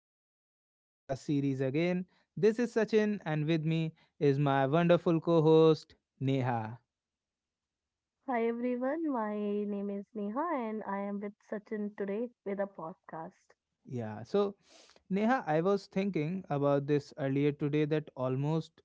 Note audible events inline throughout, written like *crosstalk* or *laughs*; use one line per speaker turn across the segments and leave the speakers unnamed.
to our podcast series again. This is Sachin, and with me is my wonderful co host, Neha.
Hi everyone, my name is Neha and I am with Sachin today with a podcast.
Yeah, so Neha, I was thinking about this earlier today that almost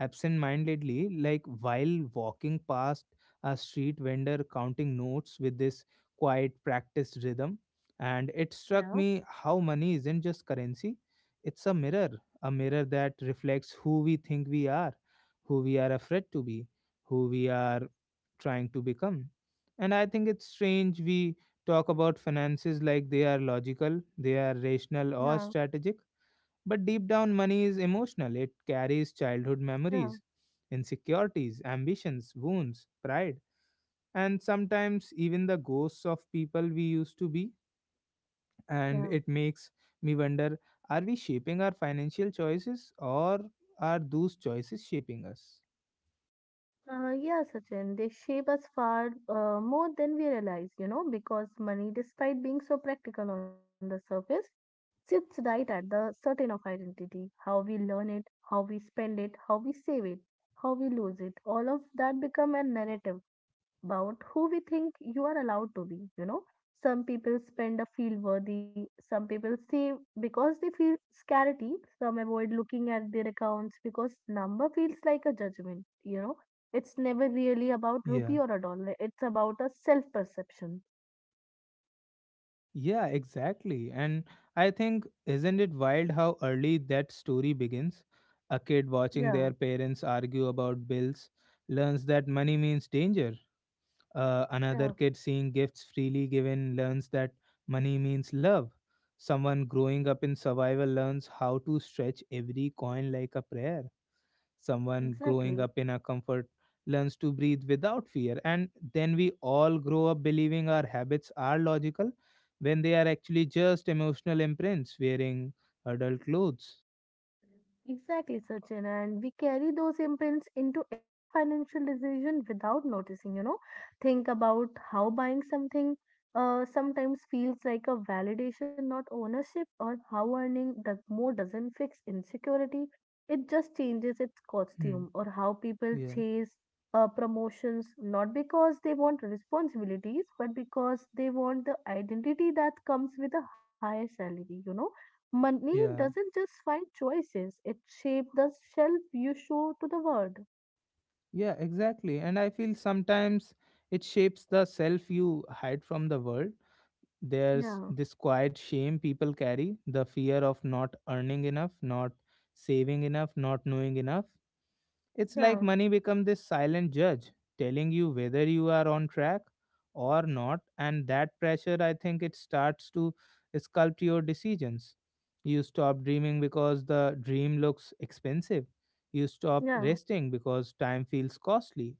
absent-mindedly, like while walking past a street vendor counting notes with this quiet practiced rhythm. And it struck
Yeah.
me how money isn't just currency, it's a mirror that reflects who we think we are, who we are afraid to be, who we are trying to become. And I think it's strange we talk about finances like they are logical, they are rational,
Yeah,
or strategic, but deep down, money is emotional. It carries childhood
yeah,
memories, insecurities, ambitions, wounds, pride, and sometimes even the ghosts of people we used to be.
yeah.
And it makes me wonder, are we shaping our financial choices, or are those choices shaping us?
Yeah, Sachin, they shape us far more than we realize, you know, because money, despite being so practical on the surface, sits right at the certain of identity, how we learn it, how we spend it, how we save it, how we lose it. All of that become a narrative about who we think you are allowed to be. You know, some people spend a feel worthy, some people save because they feel scarcity, some avoid looking at their accounts because number feels like a judgment. You know, it's never really about rupee
Yeah.
or a dollar, it's about a self perception.
Yeah, exactly. And I think, isn't it wild how early that story begins? A kid watching
Yeah,
their parents argue about bills learns that money means danger. Another
yeah,
kid seeing gifts freely given learns that money means love. Someone growing up in survival learns how to stretch every coin like a prayer. Someone growing
exactly.
up in a comfort learns to breathe without fear. And then we all grow up believing our habits are logical when they are actually just emotional imprints wearing adult clothes.
Exactly, Sachin. And we carry those imprints into every financial decision without noticing, you know. Think about how buying something sometimes feels like a validation, not ownership, or how earning the more doesn't fix insecurity. It just changes its
Hmm.
costume, or how people
Yeah.
chase promotions not because they want responsibilities, but because they want the identity that comes with a higher salary, you know. Money
Yeah.
doesn't just find choices, it shapes the shelf you show to the world.
Yeah, exactly. And I feel sometimes it shapes the self you hide from the world. There's
Yeah,
this quiet shame people carry, the fear of not earning enough, not saving enough, not knowing enough. It's like
yeah,
money become this silent judge telling you whether you are on track or not, and that pressure, I think, it starts to sculpt your decisions. You stop dreaming because the dream looks expensive, you stop
yeah.
resting because time feels costly,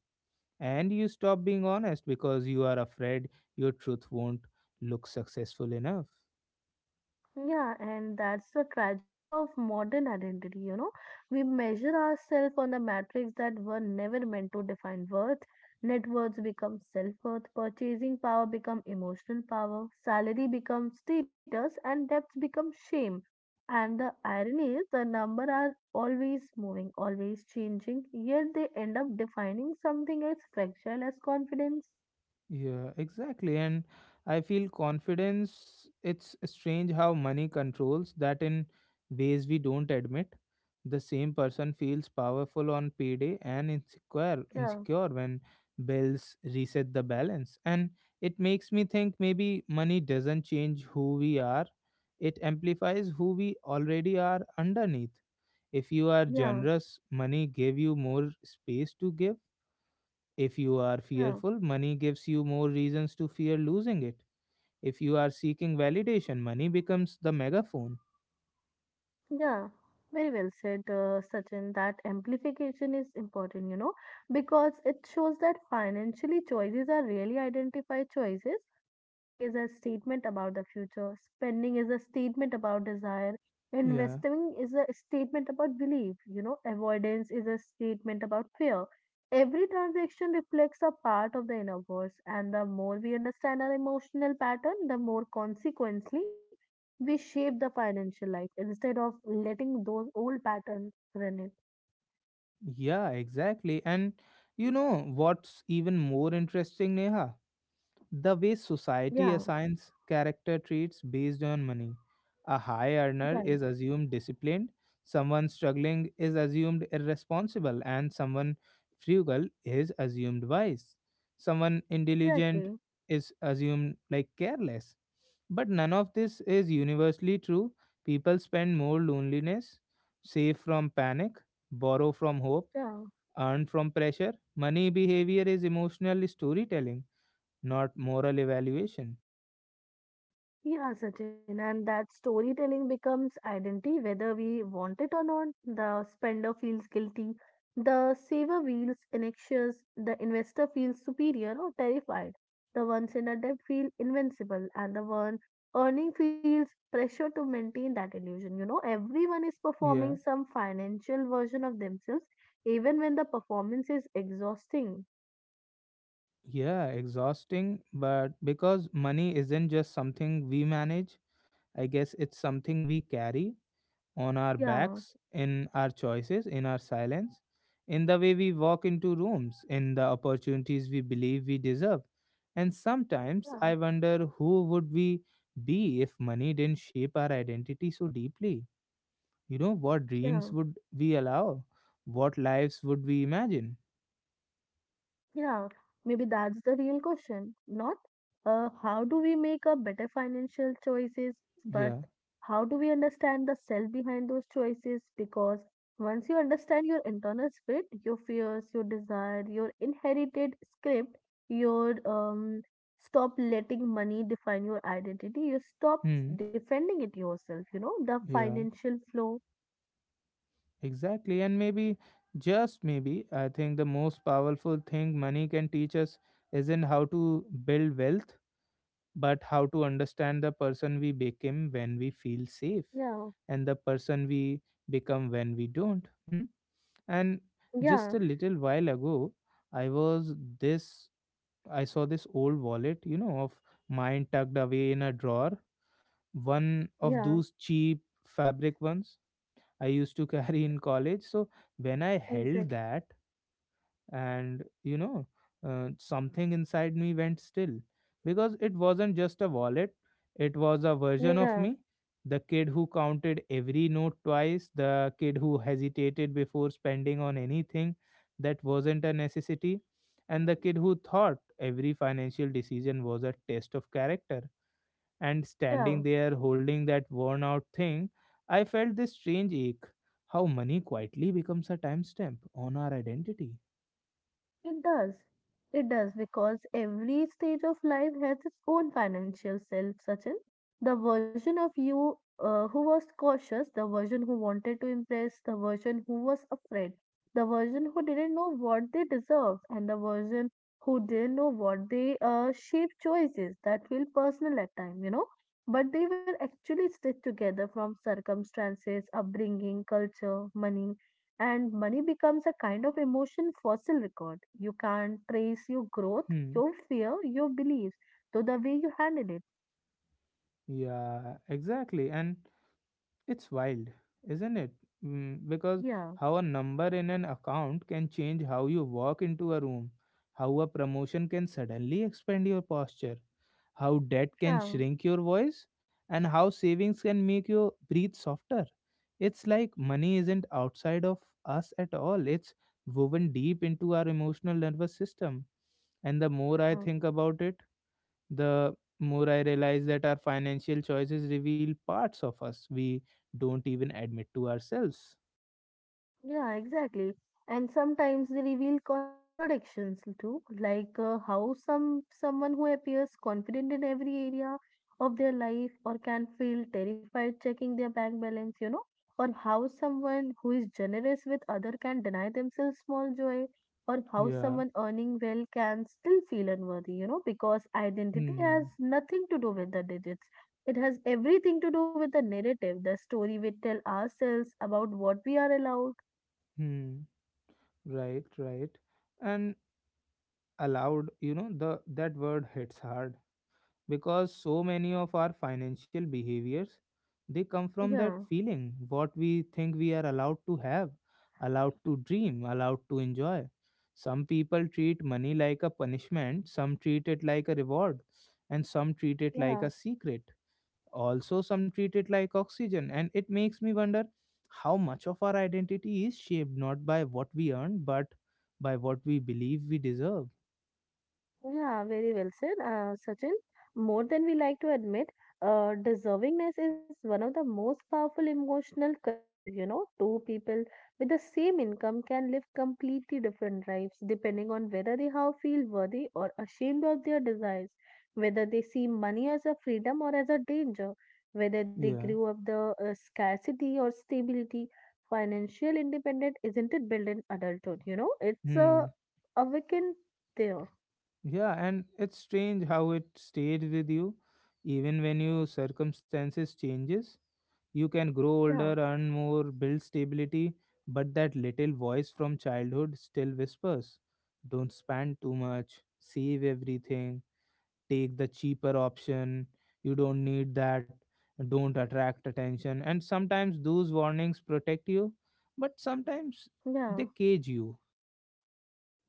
and you stop being honest because you are afraid your truth won't look successful enough.
Yeah, and that's the tragedy of modern identity, you know. We measure ourselves on the matrix that were never meant to define worth. Net worths become self-worth, purchasing power become emotional power, salary becomes status, and debts become shame. And the irony is the number are always moving, always changing, yet they end up defining something as fragile as confidence.
Yeah, exactly. And I feel confidence, it's strange how money controls that in ways we don't admit. The same person feels powerful on payday and insecure
Yeah,
insecure when bills reset the balance, and it makes me think maybe money doesn't change who we are, it amplifies who we already are underneath. If you are
yeah,
generous, money gave you more space to give. If you are
yeah.
fearful, money gives you more reasons to fear losing it. If you are seeking validation, money becomes the megaphone.
Yeah, very well said, Sachin. That amplification is important, you know, because it shows that financially choices are really identified choices. Saving is a statement about the future, spending is a statement about desire,
Yeah,
investing is a statement about belief, you know, avoidance is a statement about fear. Every transaction reflects a part of the inner voice, and the more we understand our emotional pattern, the more consequently we shape the financial life instead of letting those old patterns run it.
yeah, exactly. And you know what's even more interesting, Neha? The way society
Yeah,
assigns character traits based on money. A high earner is
right.
assumed disciplined, someone struggling is assumed irresponsible, and someone frugal is assumed wise. Someone intelligent
Exactly.
is assumed like careless. But none of this is universally true. People spend more loneliness, save from panic, borrow from hope,
Yeah.
earn from pressure. Money behavior is emotional storytelling, not moral evaluation.
Yeah, Sachin, and that storytelling becomes identity whether we want it or not. The spender feels guilty, the saver feels anxious, the investor feels superior or terrified, the ones in a debt feel invincible, and the one earning feels pressure to maintain that illusion. You know, everyone is
Yeah,
performing some financial version of themselves, even when the performance is exhausting.
yeah, exhausting. But because money isn't just something we manage, I guess it's something we carry on our
Yeah,
backs, in our choices, in our silence, in the way we walk into rooms, in the opportunities we believe we deserve. And sometimes
yeah,
I wonder, who would we be if money didn't shape our identity so deeply? You know, what
yeah.
dreams would we allow? What lives would we imagine?
Yeah, maybe that's the real question. Not how do we make a better financial choices, but
Yeah.
how do we understand the self behind those choices? Because once you understand your internal script, your fears, your desire, your inherited script, your stop letting money define your identity. You stop
Hmm.
defending it yourself. You know the
Yeah,
financial flow.
exactly. And maybe, just maybe, I think the most powerful thing money can teach us isn't how to build wealth, but how to understand the person we become when we feel safe
Yeah,
and the person we become when we don't. Hmm? And
yeah,
just a little while ago, I was this, I saw this old wallet, you know, of mine tucked away in a drawer, one
yeah.
of those cheap fabric ones I used to *laughs* carry in college. So when I held
Exactly.
that, and you know, something inside me went still because it wasn't just a wallet, it was a version of
Yeah.
me. The kid who counted every note twice, the kid who hesitated before spending on anything that wasn't a necessity, and the kid who thought every financial decision was a test of character, and
Yeah.
standing there holding that worn out thing, I felt this strange ache. How money quietly becomes a timestamp on our identity.
It does. It does because every stage of life has its own financial self, Sachin. The version of you who was cautious, the version who wanted to impress, the version who was afraid, the version who didn't know what they deserved, and the version who didn't know what they shape choices that feel personal at time, you know. But they were actually stitched together from circumstances, upbringing, culture, money, and money becomes a kind of emotion fossil record. You can't trace your growth,
Hmm.
your fear, your beliefs, to the way you handle it.
Yeah, exactly. And it's wild, isn't it? Mm, because
Yeah,
how a number in an account can change how you walk into a room, how a promotion can suddenly expand your posture, how debt can
yeah,
shrink your voice, and how savings can make you breathe softer. It's like money isn't outside of us at all, it's woven deep into our emotional nervous system. And the more I
yeah.
think about it, the more I realize that our financial choices reveal parts of us we don't even admit to ourselves.
Yeah, exactly. And sometimes they reveal contradictions too, like how someone who appears confident in every area of their life or can feel terrified checking their bank balance, you know, or how someone who is generous with other can deny themselves small joy, or how
Yeah.
someone earning well can still feel unworthy, you know, because identity has
Hmm.
nothing to do with the digits. It has everything to do with the narrative, the story we tell ourselves about what we are allowed.
Hmm. Right. Right. And allowed, you know, the that word hits hard because so many of our financial behaviors, they come from that
Yeah,
feeling, what we think we are allowed to have, allowed to dream, allowed to enjoy. Some people treat money like a punishment, some treat it like a reward, and some treat it like
yeah.
a secret, also some treat it like oxygen, and it makes me wonder how much of our identity is shaped not by what we earn but by what we believe we deserve.
Yeah, very well said, Sachin. More than we like to admit, deservingness is one of the most powerful emotional currencies. You know, two people with the same income can live completely different lives depending on whether they how feel worthy or ashamed of their desires, whether they see money as a freedom or as a danger, whether they grew
Yeah.
up the scarcity or stability. Financial independence isn't it built in adulthood? You know, it's a
hmm
awakened there.
Yeah, and it's strange how it stayed with you even when your circumstances changes. You can grow
Yeah.
older, earn more, build stability, but that little voice from childhood still whispers, don't spend too much, save everything, take the cheaper option, you don't need that, don't attract attention. And sometimes those warnings protect you, but sometimes
Yeah,
they cage you.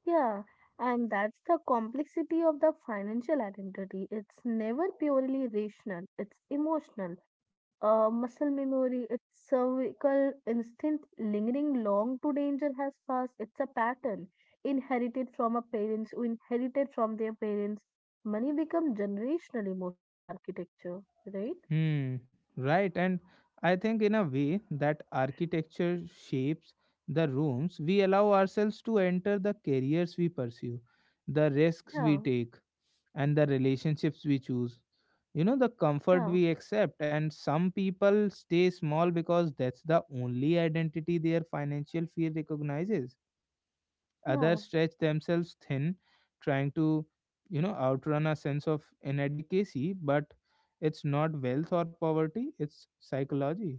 yeah. And that's the complexity of the financial identity. It's never purely rational, it's emotional. Muscle memory, it's cervical instinct lingering long to danger has passed. It's a pattern inherited from our parents, who inherited from their parents. Money become generational emotional architecture, right?
Hmm, right. And I think, in a way, that architecture shapes the rooms we allow ourselves to enter, the careers we pursue, the risks
Yeah,
we take, and the relationships we choose. You know, the comfort
yeah,
we accept. And some people stay small because that's the only identity their financial fear recognizes.
yeah.
Others stretch themselves thin, trying to, you know, outrun a sense of inadequacy, but it's not wealth or poverty, it's psychology.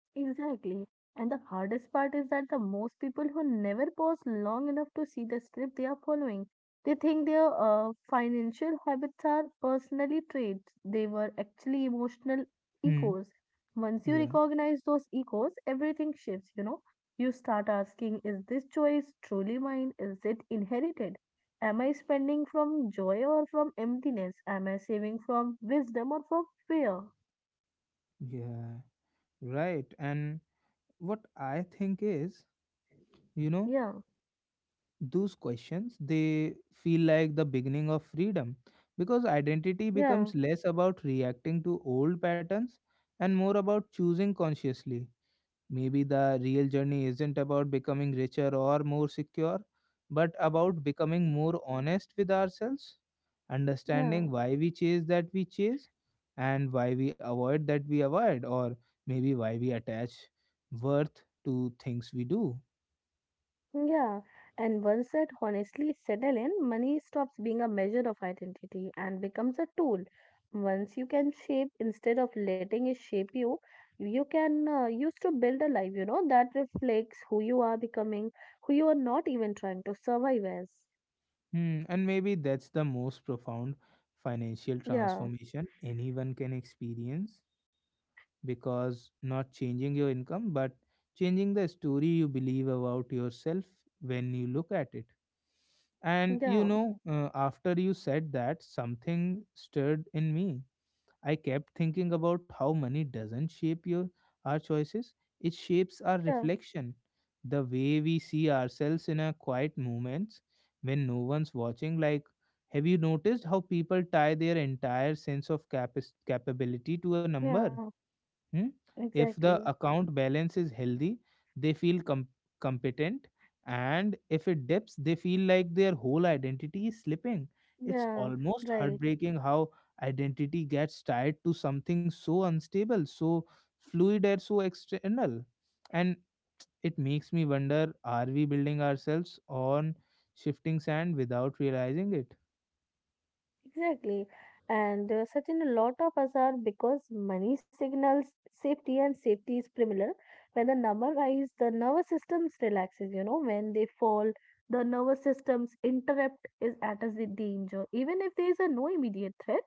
Exactly. And the hardest part is that the most people who never pause long enough to see the script they are following, they think their financial habits are personally traits. They were actually emotional
Hmm.
echoes. Once you
Yeah.
recognize those echoes, everything shifts, you know. You start asking, is this choice truly mine? Is it inherited? Am I spending from joy or from emptiness? Am I saving from wisdom or from fear?
Yeah. Right. And what I think is, you know,
Yeah,
those questions, they feel like the beginning of freedom because identity becomes
yeah,
less about reacting to old patterns and more about choosing consciously. Maybe the real journey isn't about becoming richer or more secure, but about becoming more honest with ourselves, understanding
yeah.
why we chase that we chase, and why we avoid that we avoid, or maybe why we attach worth to things we do.
Yeah, and once that honestly settle in, money stops being a measure of identity and becomes a tool. Once you can shape, instead of letting it shape you, you can use to build a life, you know, that reflects who you are becoming, who you are not even trying to survive as.
Hmm, and maybe that's the most profound financial
Yeah,
transformation anyone can experience, because not changing your income but changing the story you believe about yourself when you look at it. And you
yeah,
know, after you said that, something stirred in me. I kept thinking about how money doesn't shape your, our choices, it shapes our
yeah,
reflection, the way we see ourselves in our quiet moments when no one's watching. Like, have you noticed how people tie their entire sense of capability to a number?
yeah,
Hmm? If
exactly.
the account balance is healthy, they feel competent. And if it dips, they feel like their whole identity is slipping. It's
Yeah,
almost
right.
heartbreaking how identity gets tied to something so unstable, so fluid, and so external. And it makes me wonder, are we building ourselves on shifting sand without realizing it?
Exactly. And such a lot of us are because money signals safety and safety is similar. When the number rise, the nervous systems relaxes, you know, when they fall, the nervous systems interrupt is at a danger. Even if there is a no immediate threat,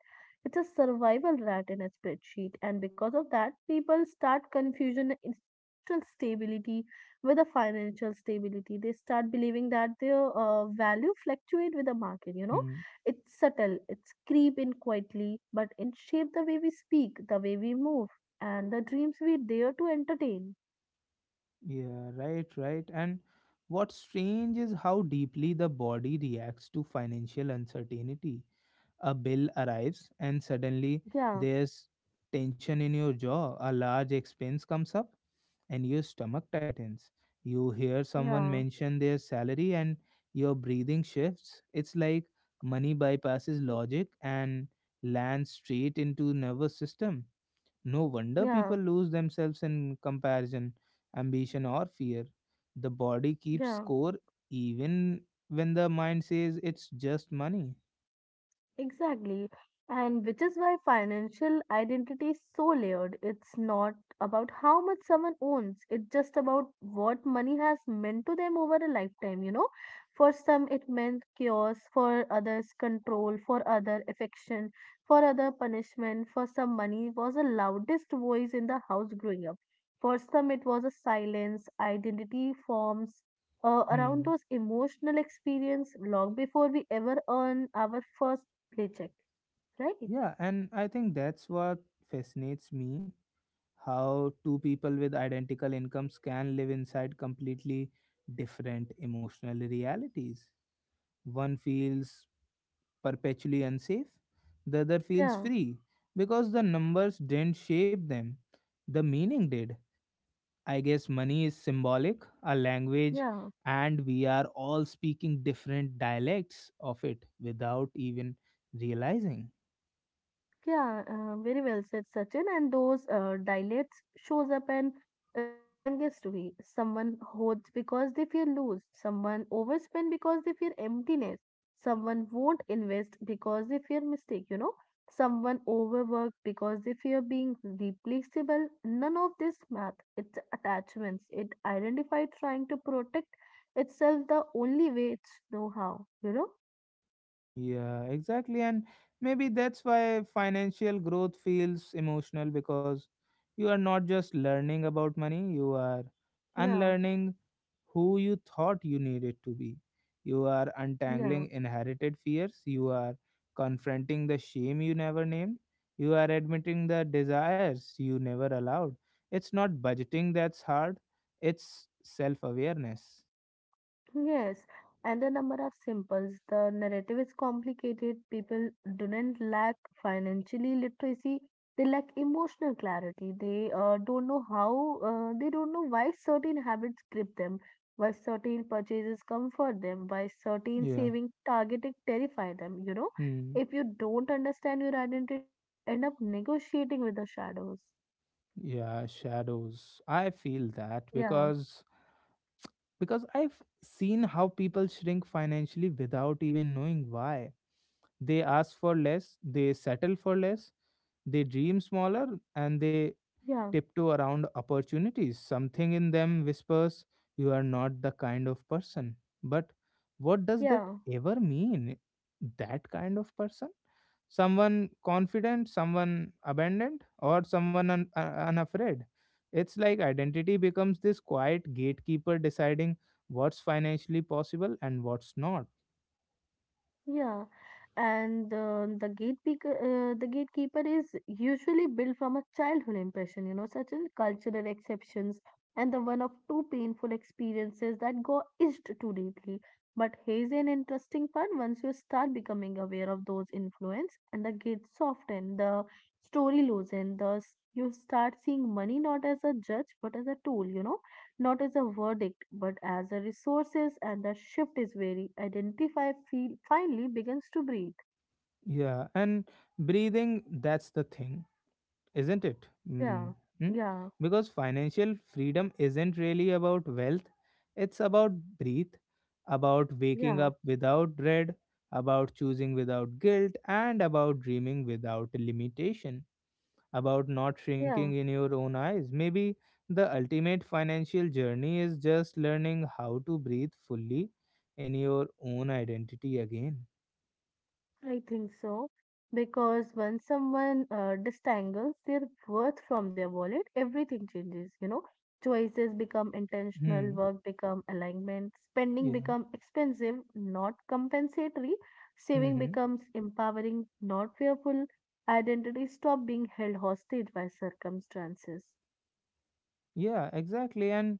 it's a survival rat in a spreadsheet. And because of that, people start confusion in emotional stability with the financial stability. They start believing that their value fluctuate with the market, you know.
Hmm.
It's subtle, it's creep in quietly, but it shape the way we speak, the way we move, and the dreams we dare to entertain.
Yeah, right, right. And what's strange is how deeply the body reacts to financial uncertainty. A bill arrives, and suddenly
Yeah,
there's tension in your jaw. A large expense comes up, and your stomach tightens. You hear someone
yeah,
mention their salary, and your breathing shifts. It's like money bypasses logic and lands straight into nervous system. No wonder
yeah,
people lose themselves in comparison, ambition, or fear. The body keeps
yeah.
score even when the mind says it's just money.
Exactly. And which is why financial identity is so layered. It's not about how much someone owns, it's just about what money has meant to them over a lifetime, you know. For some, it meant chaos, for others, control, for other, affection, for other, punishment. For some, money was the loudest voice in the house growing up. For some, it was a silence, identity forms, around
Hmm.
those emotional experience long before we ever earn our first reject, right?
Yeah, and I think that's what fascinates me, how two people with identical incomes can live inside completely different emotional realities. One feels perpetually unsafe, the other feels
Yeah,
free because the numbers didn't shape them, the meaning did. I guess money is symbolic, a language,
yeah,
and we are all speaking different dialects of it without even realizing.
yeah. Very well said, Sachin. And those dilates shows up in a strongest way. Someone hoards because they fear lose. Someone overspend because they fear emptiness. Someone won't invest because they fear mistake. You know, someone overwork because they fear being replaceable. None of this math. It's attachments. It identified trying to protect itself the only way it's know how. You know.
Yeah, exactly. And maybe that's why financial growth feels emotional, because you are not just learning about money, you are
Yeah.
unlearning who you thought you needed to be. You are
Yeah.
untangling inherited fears, you are confronting the shame you never named, you are admitting the desires you never allowed. It's not budgeting that's hard, it's self awareness.
Yes, and the number of symbols. The narrative is complicated. People do not lack financially literacy. They lack emotional clarity. They don't know why certain habits grip them, why certain purchases comfort them, why certain
Yeah.
saving targeting terrify them. You know,
Hmm.
if you don't understand your identity, you end up negotiating with the shadows.
Yeah, shadows. I feel that
Yeah,
because I've seen how people shrink financially without even knowing why. They ask for less, they settle for less, they dream smaller, and they
yeah,
tiptoe around opportunities. Something in them whispers, "You are not the kind of person." But what does that
yeah.
ever mean? That kind of person? Someone confident, someone abandoned, or someone unafraid. It's like identity becomes this quiet gatekeeper deciding what's financially possible and what's not.
Yeah, and the gatekeeper is usually built from a childhood impression, you know, such as cultural exceptions and the one of two painful experiences that go itched too deeply. But here's an interesting part: once you start becoming aware of those influence, and the gates soften, the story loosens, thus you start seeing money not as a judge but as a tool, you know, not as a verdict, but as a resources, and the shift is very identify feel finally begins to breathe.
Yeah, and breathing, that's the thing, isn't it? Mm.
Yeah,
Mm?
yeah,
Because financial freedom isn't really about wealth, it's about breathe, about waking
yeah,
up without dread, about choosing without guilt, and about dreaming without limitation, about not shrinking
yeah.
in your own eyes. Maybe the ultimate financial journey is just learning how to breathe fully in your own identity again.
I think so. Because when someone distangles their worth from their wallet, everything changes, you know. Choices become intentional,
Hmm.
work become alignment, spending
Yeah.
become expensive, not compensatory, saving
Hmm.
becomes empowering, not fearful, identity stop being held hostage by circumstances.
Yeah, exactly. And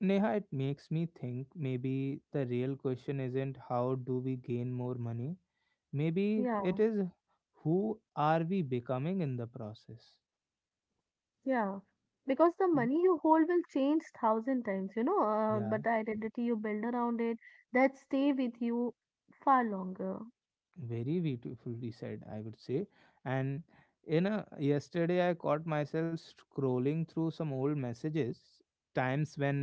Neha, it makes me think, maybe the real question isn't how do we gain more money? Maybe it
Yeah.
is, who are we becoming in the process?
Yeah, because the
Mm.
money you hold will change thousand times, you know,
Yeah,
but the identity you build around it, that stay with you far longer.
very beautifully said, I would say. And you know, yesterday I caught myself scrolling through some old messages, times when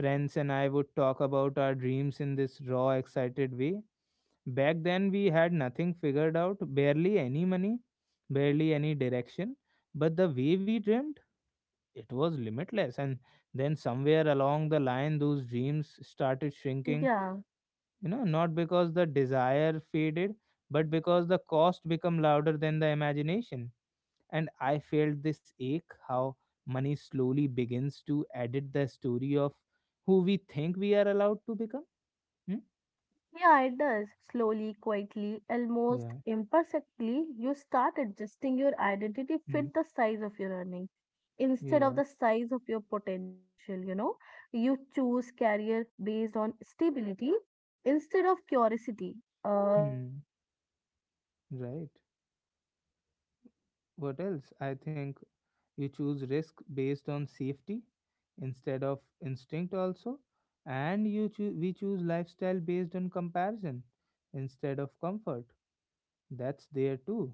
friends and I would talk about our dreams in this raw, excited way. Back then we had nothing figured out, barely any money, barely any direction, but the way we dreamed, it was limitless. And then somewhere along the line those dreams started shrinking,
Yeah,
you know, not because the desire faded, but because the cost become louder than the imagination. And I felt this ache, how money slowly begins to edit the story of who we think we are allowed to become. Hmm?
yeah, it does. Slowly, quietly, almost
Yeah.
imperfectly, you start adjusting your identity
Hmm.
fit the size of your earning instead
Yeah.
of the size of your potential, you know. You choose career based on stability instead of curiosity, uh,
Hmm.
chaos, nature.
Right. What else, I think you choose risk based on
You know,
safety
Sachin.
instead of instinct also, and we choose lifestyle based on comparison instead of comfort. That's there too.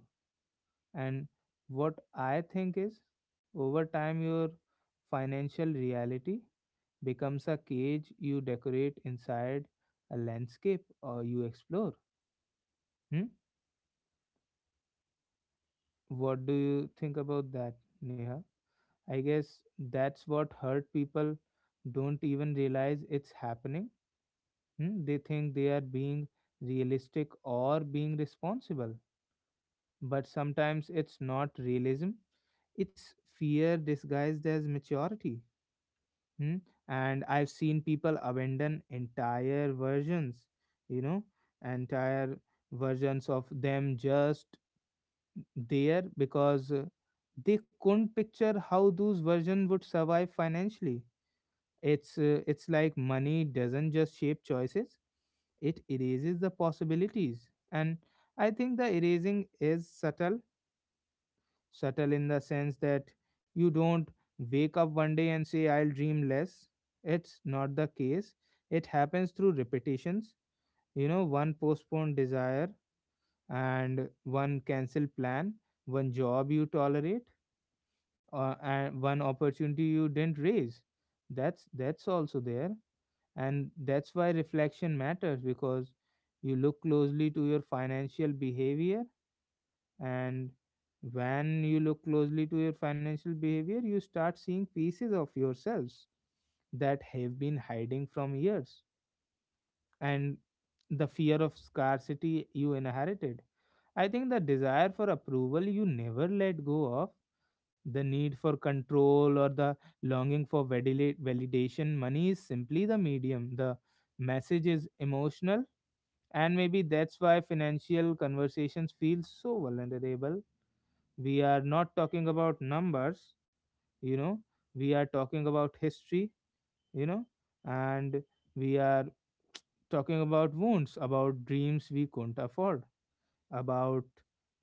And what I think is, over time, your financial reality becomes a cage you decorate inside, a landscape or you explore. Hmm? What do you think about that, Neha? I guess that's what hurt, people don't even realize it's happening. Hmm? They think they are being realistic or being responsible, but sometimes it's not realism, it's fear disguised as maturity. Hmm? And I've seen people abandon entire versions, you know, entire versions of them just there because they couldn't picture how those versions would survive financially. It's like money doesn't just shape choices; it erases the possibilities. And I think the erasing is subtle. Subtle in the sense that you don't wake up one day and say, I'll dream less. It's not the case. It happens through repetitions. You know, one postponed desire, and one cancelled plan, one job you tolerate, and one opportunity you didn't raise. That's also there, and that's why reflection matters, because you look closely to your financial behavior, and when you look closely to your financial behavior, you start seeing pieces of yourselves that have been hiding from years. And the fear of scarcity you inherited, I think, the desire for approval you never let go of, the need for control, or the longing for validation. Money is simply the medium. The message is emotional, and maybe that's why financial conversations feel so vulnerable. We are not talking about numbers, you know, we are talking about history, you know, and we are talking about wounds, about dreams we couldn't afford, about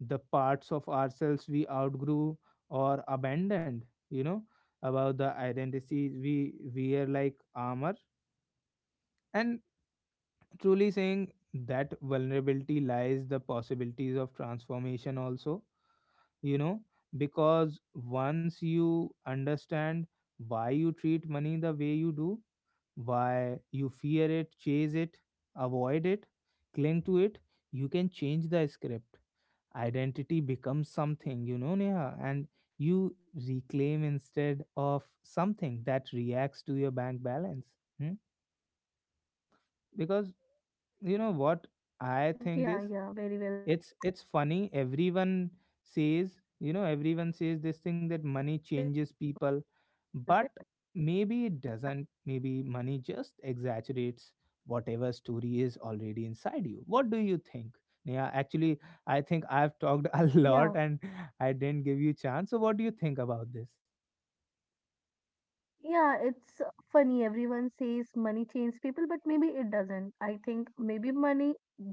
the parts of ourselves we outgrew or abandoned, you know, about the identities we wear like armor. And truly saying that vulnerability lies the possibilities of transformation also, you know, because once you understand why you treat money the way you do, why you fear it, chase it, avoid it, cling to it, you can change the script. Identity becomes something, you know, Neha, and you reclaim, instead of something that reacts to your bank balance. Hmm? Because, you know what I think is, it's funny, everyone says, you know, everyone says this thing that money changes people, but maybe it doesn't. Maybe money just exaggerates whatever story is already inside you. What do you think? Yeah, actually, I think I've talked *laughs* a lot, and I didn't give you chance, so what do you think about this?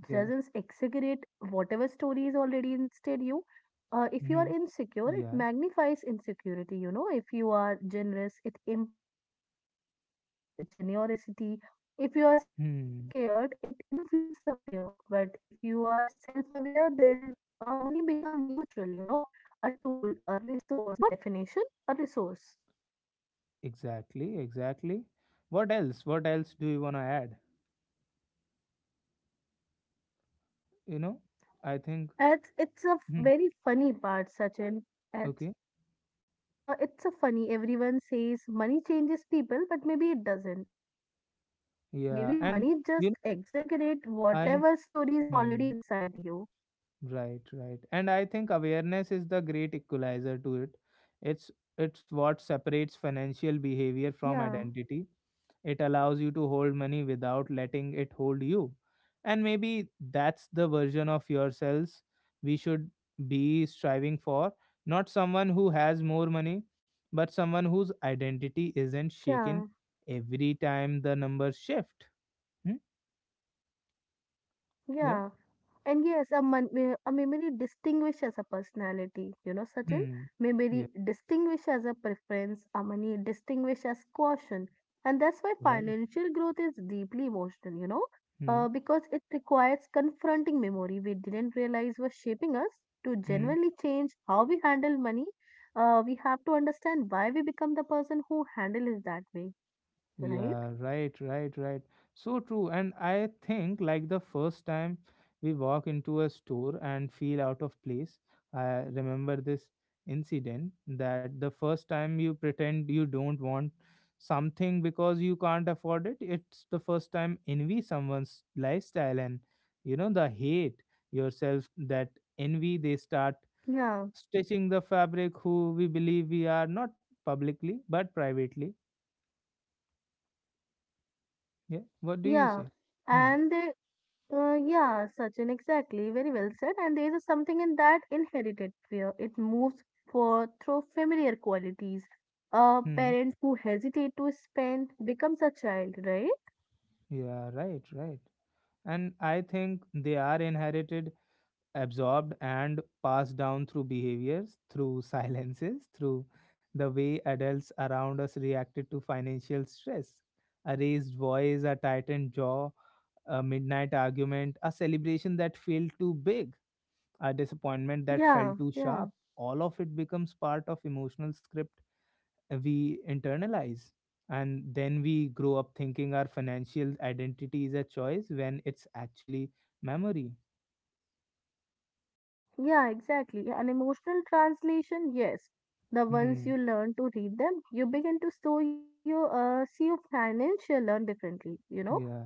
Yeah. Hmm. Yeah. Hmm. Exactly, exactly. What else, what else do you want to add? You know, I think, hmm, okay. Yeah. And you know, I, hmm, right, right. And I think awareness is the great equalizer to it. It's it's what separates financial behavior from identity. It allows you to hold money without letting it hold you. And maybe that's the version of yourselves we should be striving for. Not someone who has more money, but someone whose identity isn't shaken every time the numbers shift. Hmm? Yeah. Hmm. Yeah. Right. Hmm. Hmm. Yeah, right, right, right. So true. And I think, like, the first time we walk into a store and feel out of place, I remember this incident, that the first time you pretend you don't want something because you can't afford it, it's the first time envy someone's lifestyle, and, you know, the hate yourself, that envy, they start stitching the fabric who we believe we are, not publicly but privately. Yeah, what do you say? Hmm. Hmm. Yeah, right, right. And I think they are inherited, absorbed, and passed down through behaviors, through *laughs* silences, through the way adults around us reacted to financial stress. A raised voice, a tightened jaw, a midnight argument, a celebration that felt too big, a disappointment that felt too sharp. All of it becomes part of emotional script we internalize, and then we grow up thinking our financial identity is a choice when it's actually memory. Hmm. Yeah.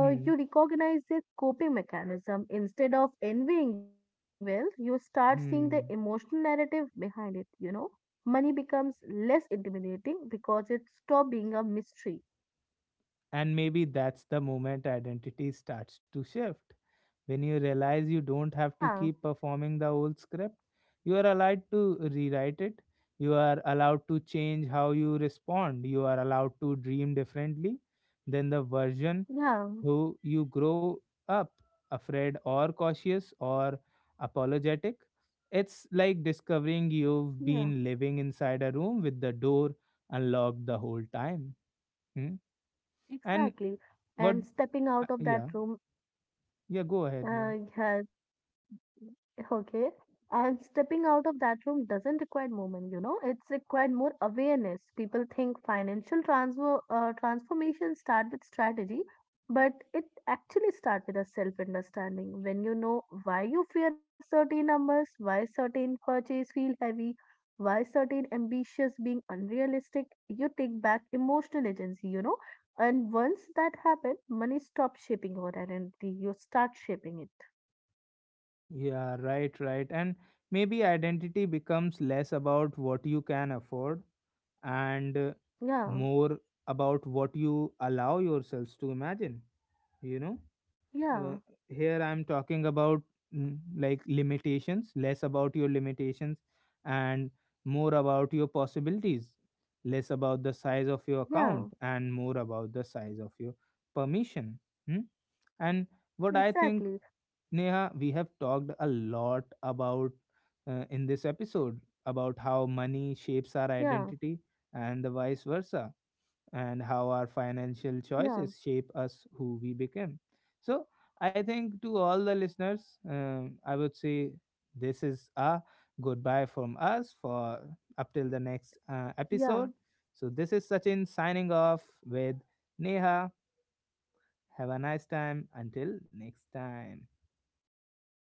Hmm. Hmm. And maybe that's the moment identity starts to shift, when you realize you don't have to keep performing the old script. You are allowed to rewrite it, you are allowed to change how you respond, you are allowed to dream differently than the version who you grow up afraid or cautious or apologetic. It's like discovering you've been living inside a room with the door unlocked the whole time. Hmm? And what, yeah, yeah, go ahead. Yeah. Yeah, right, right. And maybe identity becomes less about what you can afford, and more about what you allow yourselves to imagine, you know? uh, Here I'm talking about like limitations, less about your limitations and more about your possibilities, less about the size of your account and more about the size of your permission. Hmm? And what I think, Neha, we have talked a lot about, in this episode, about how money shapes our identity, and the vice versa, and how our financial choices shape us who we become. So, I think to all the listeners, I would say this is a goodbye from us for up till the next episode. So, this is Sachin signing off with Neha. Have a nice time. Until next time.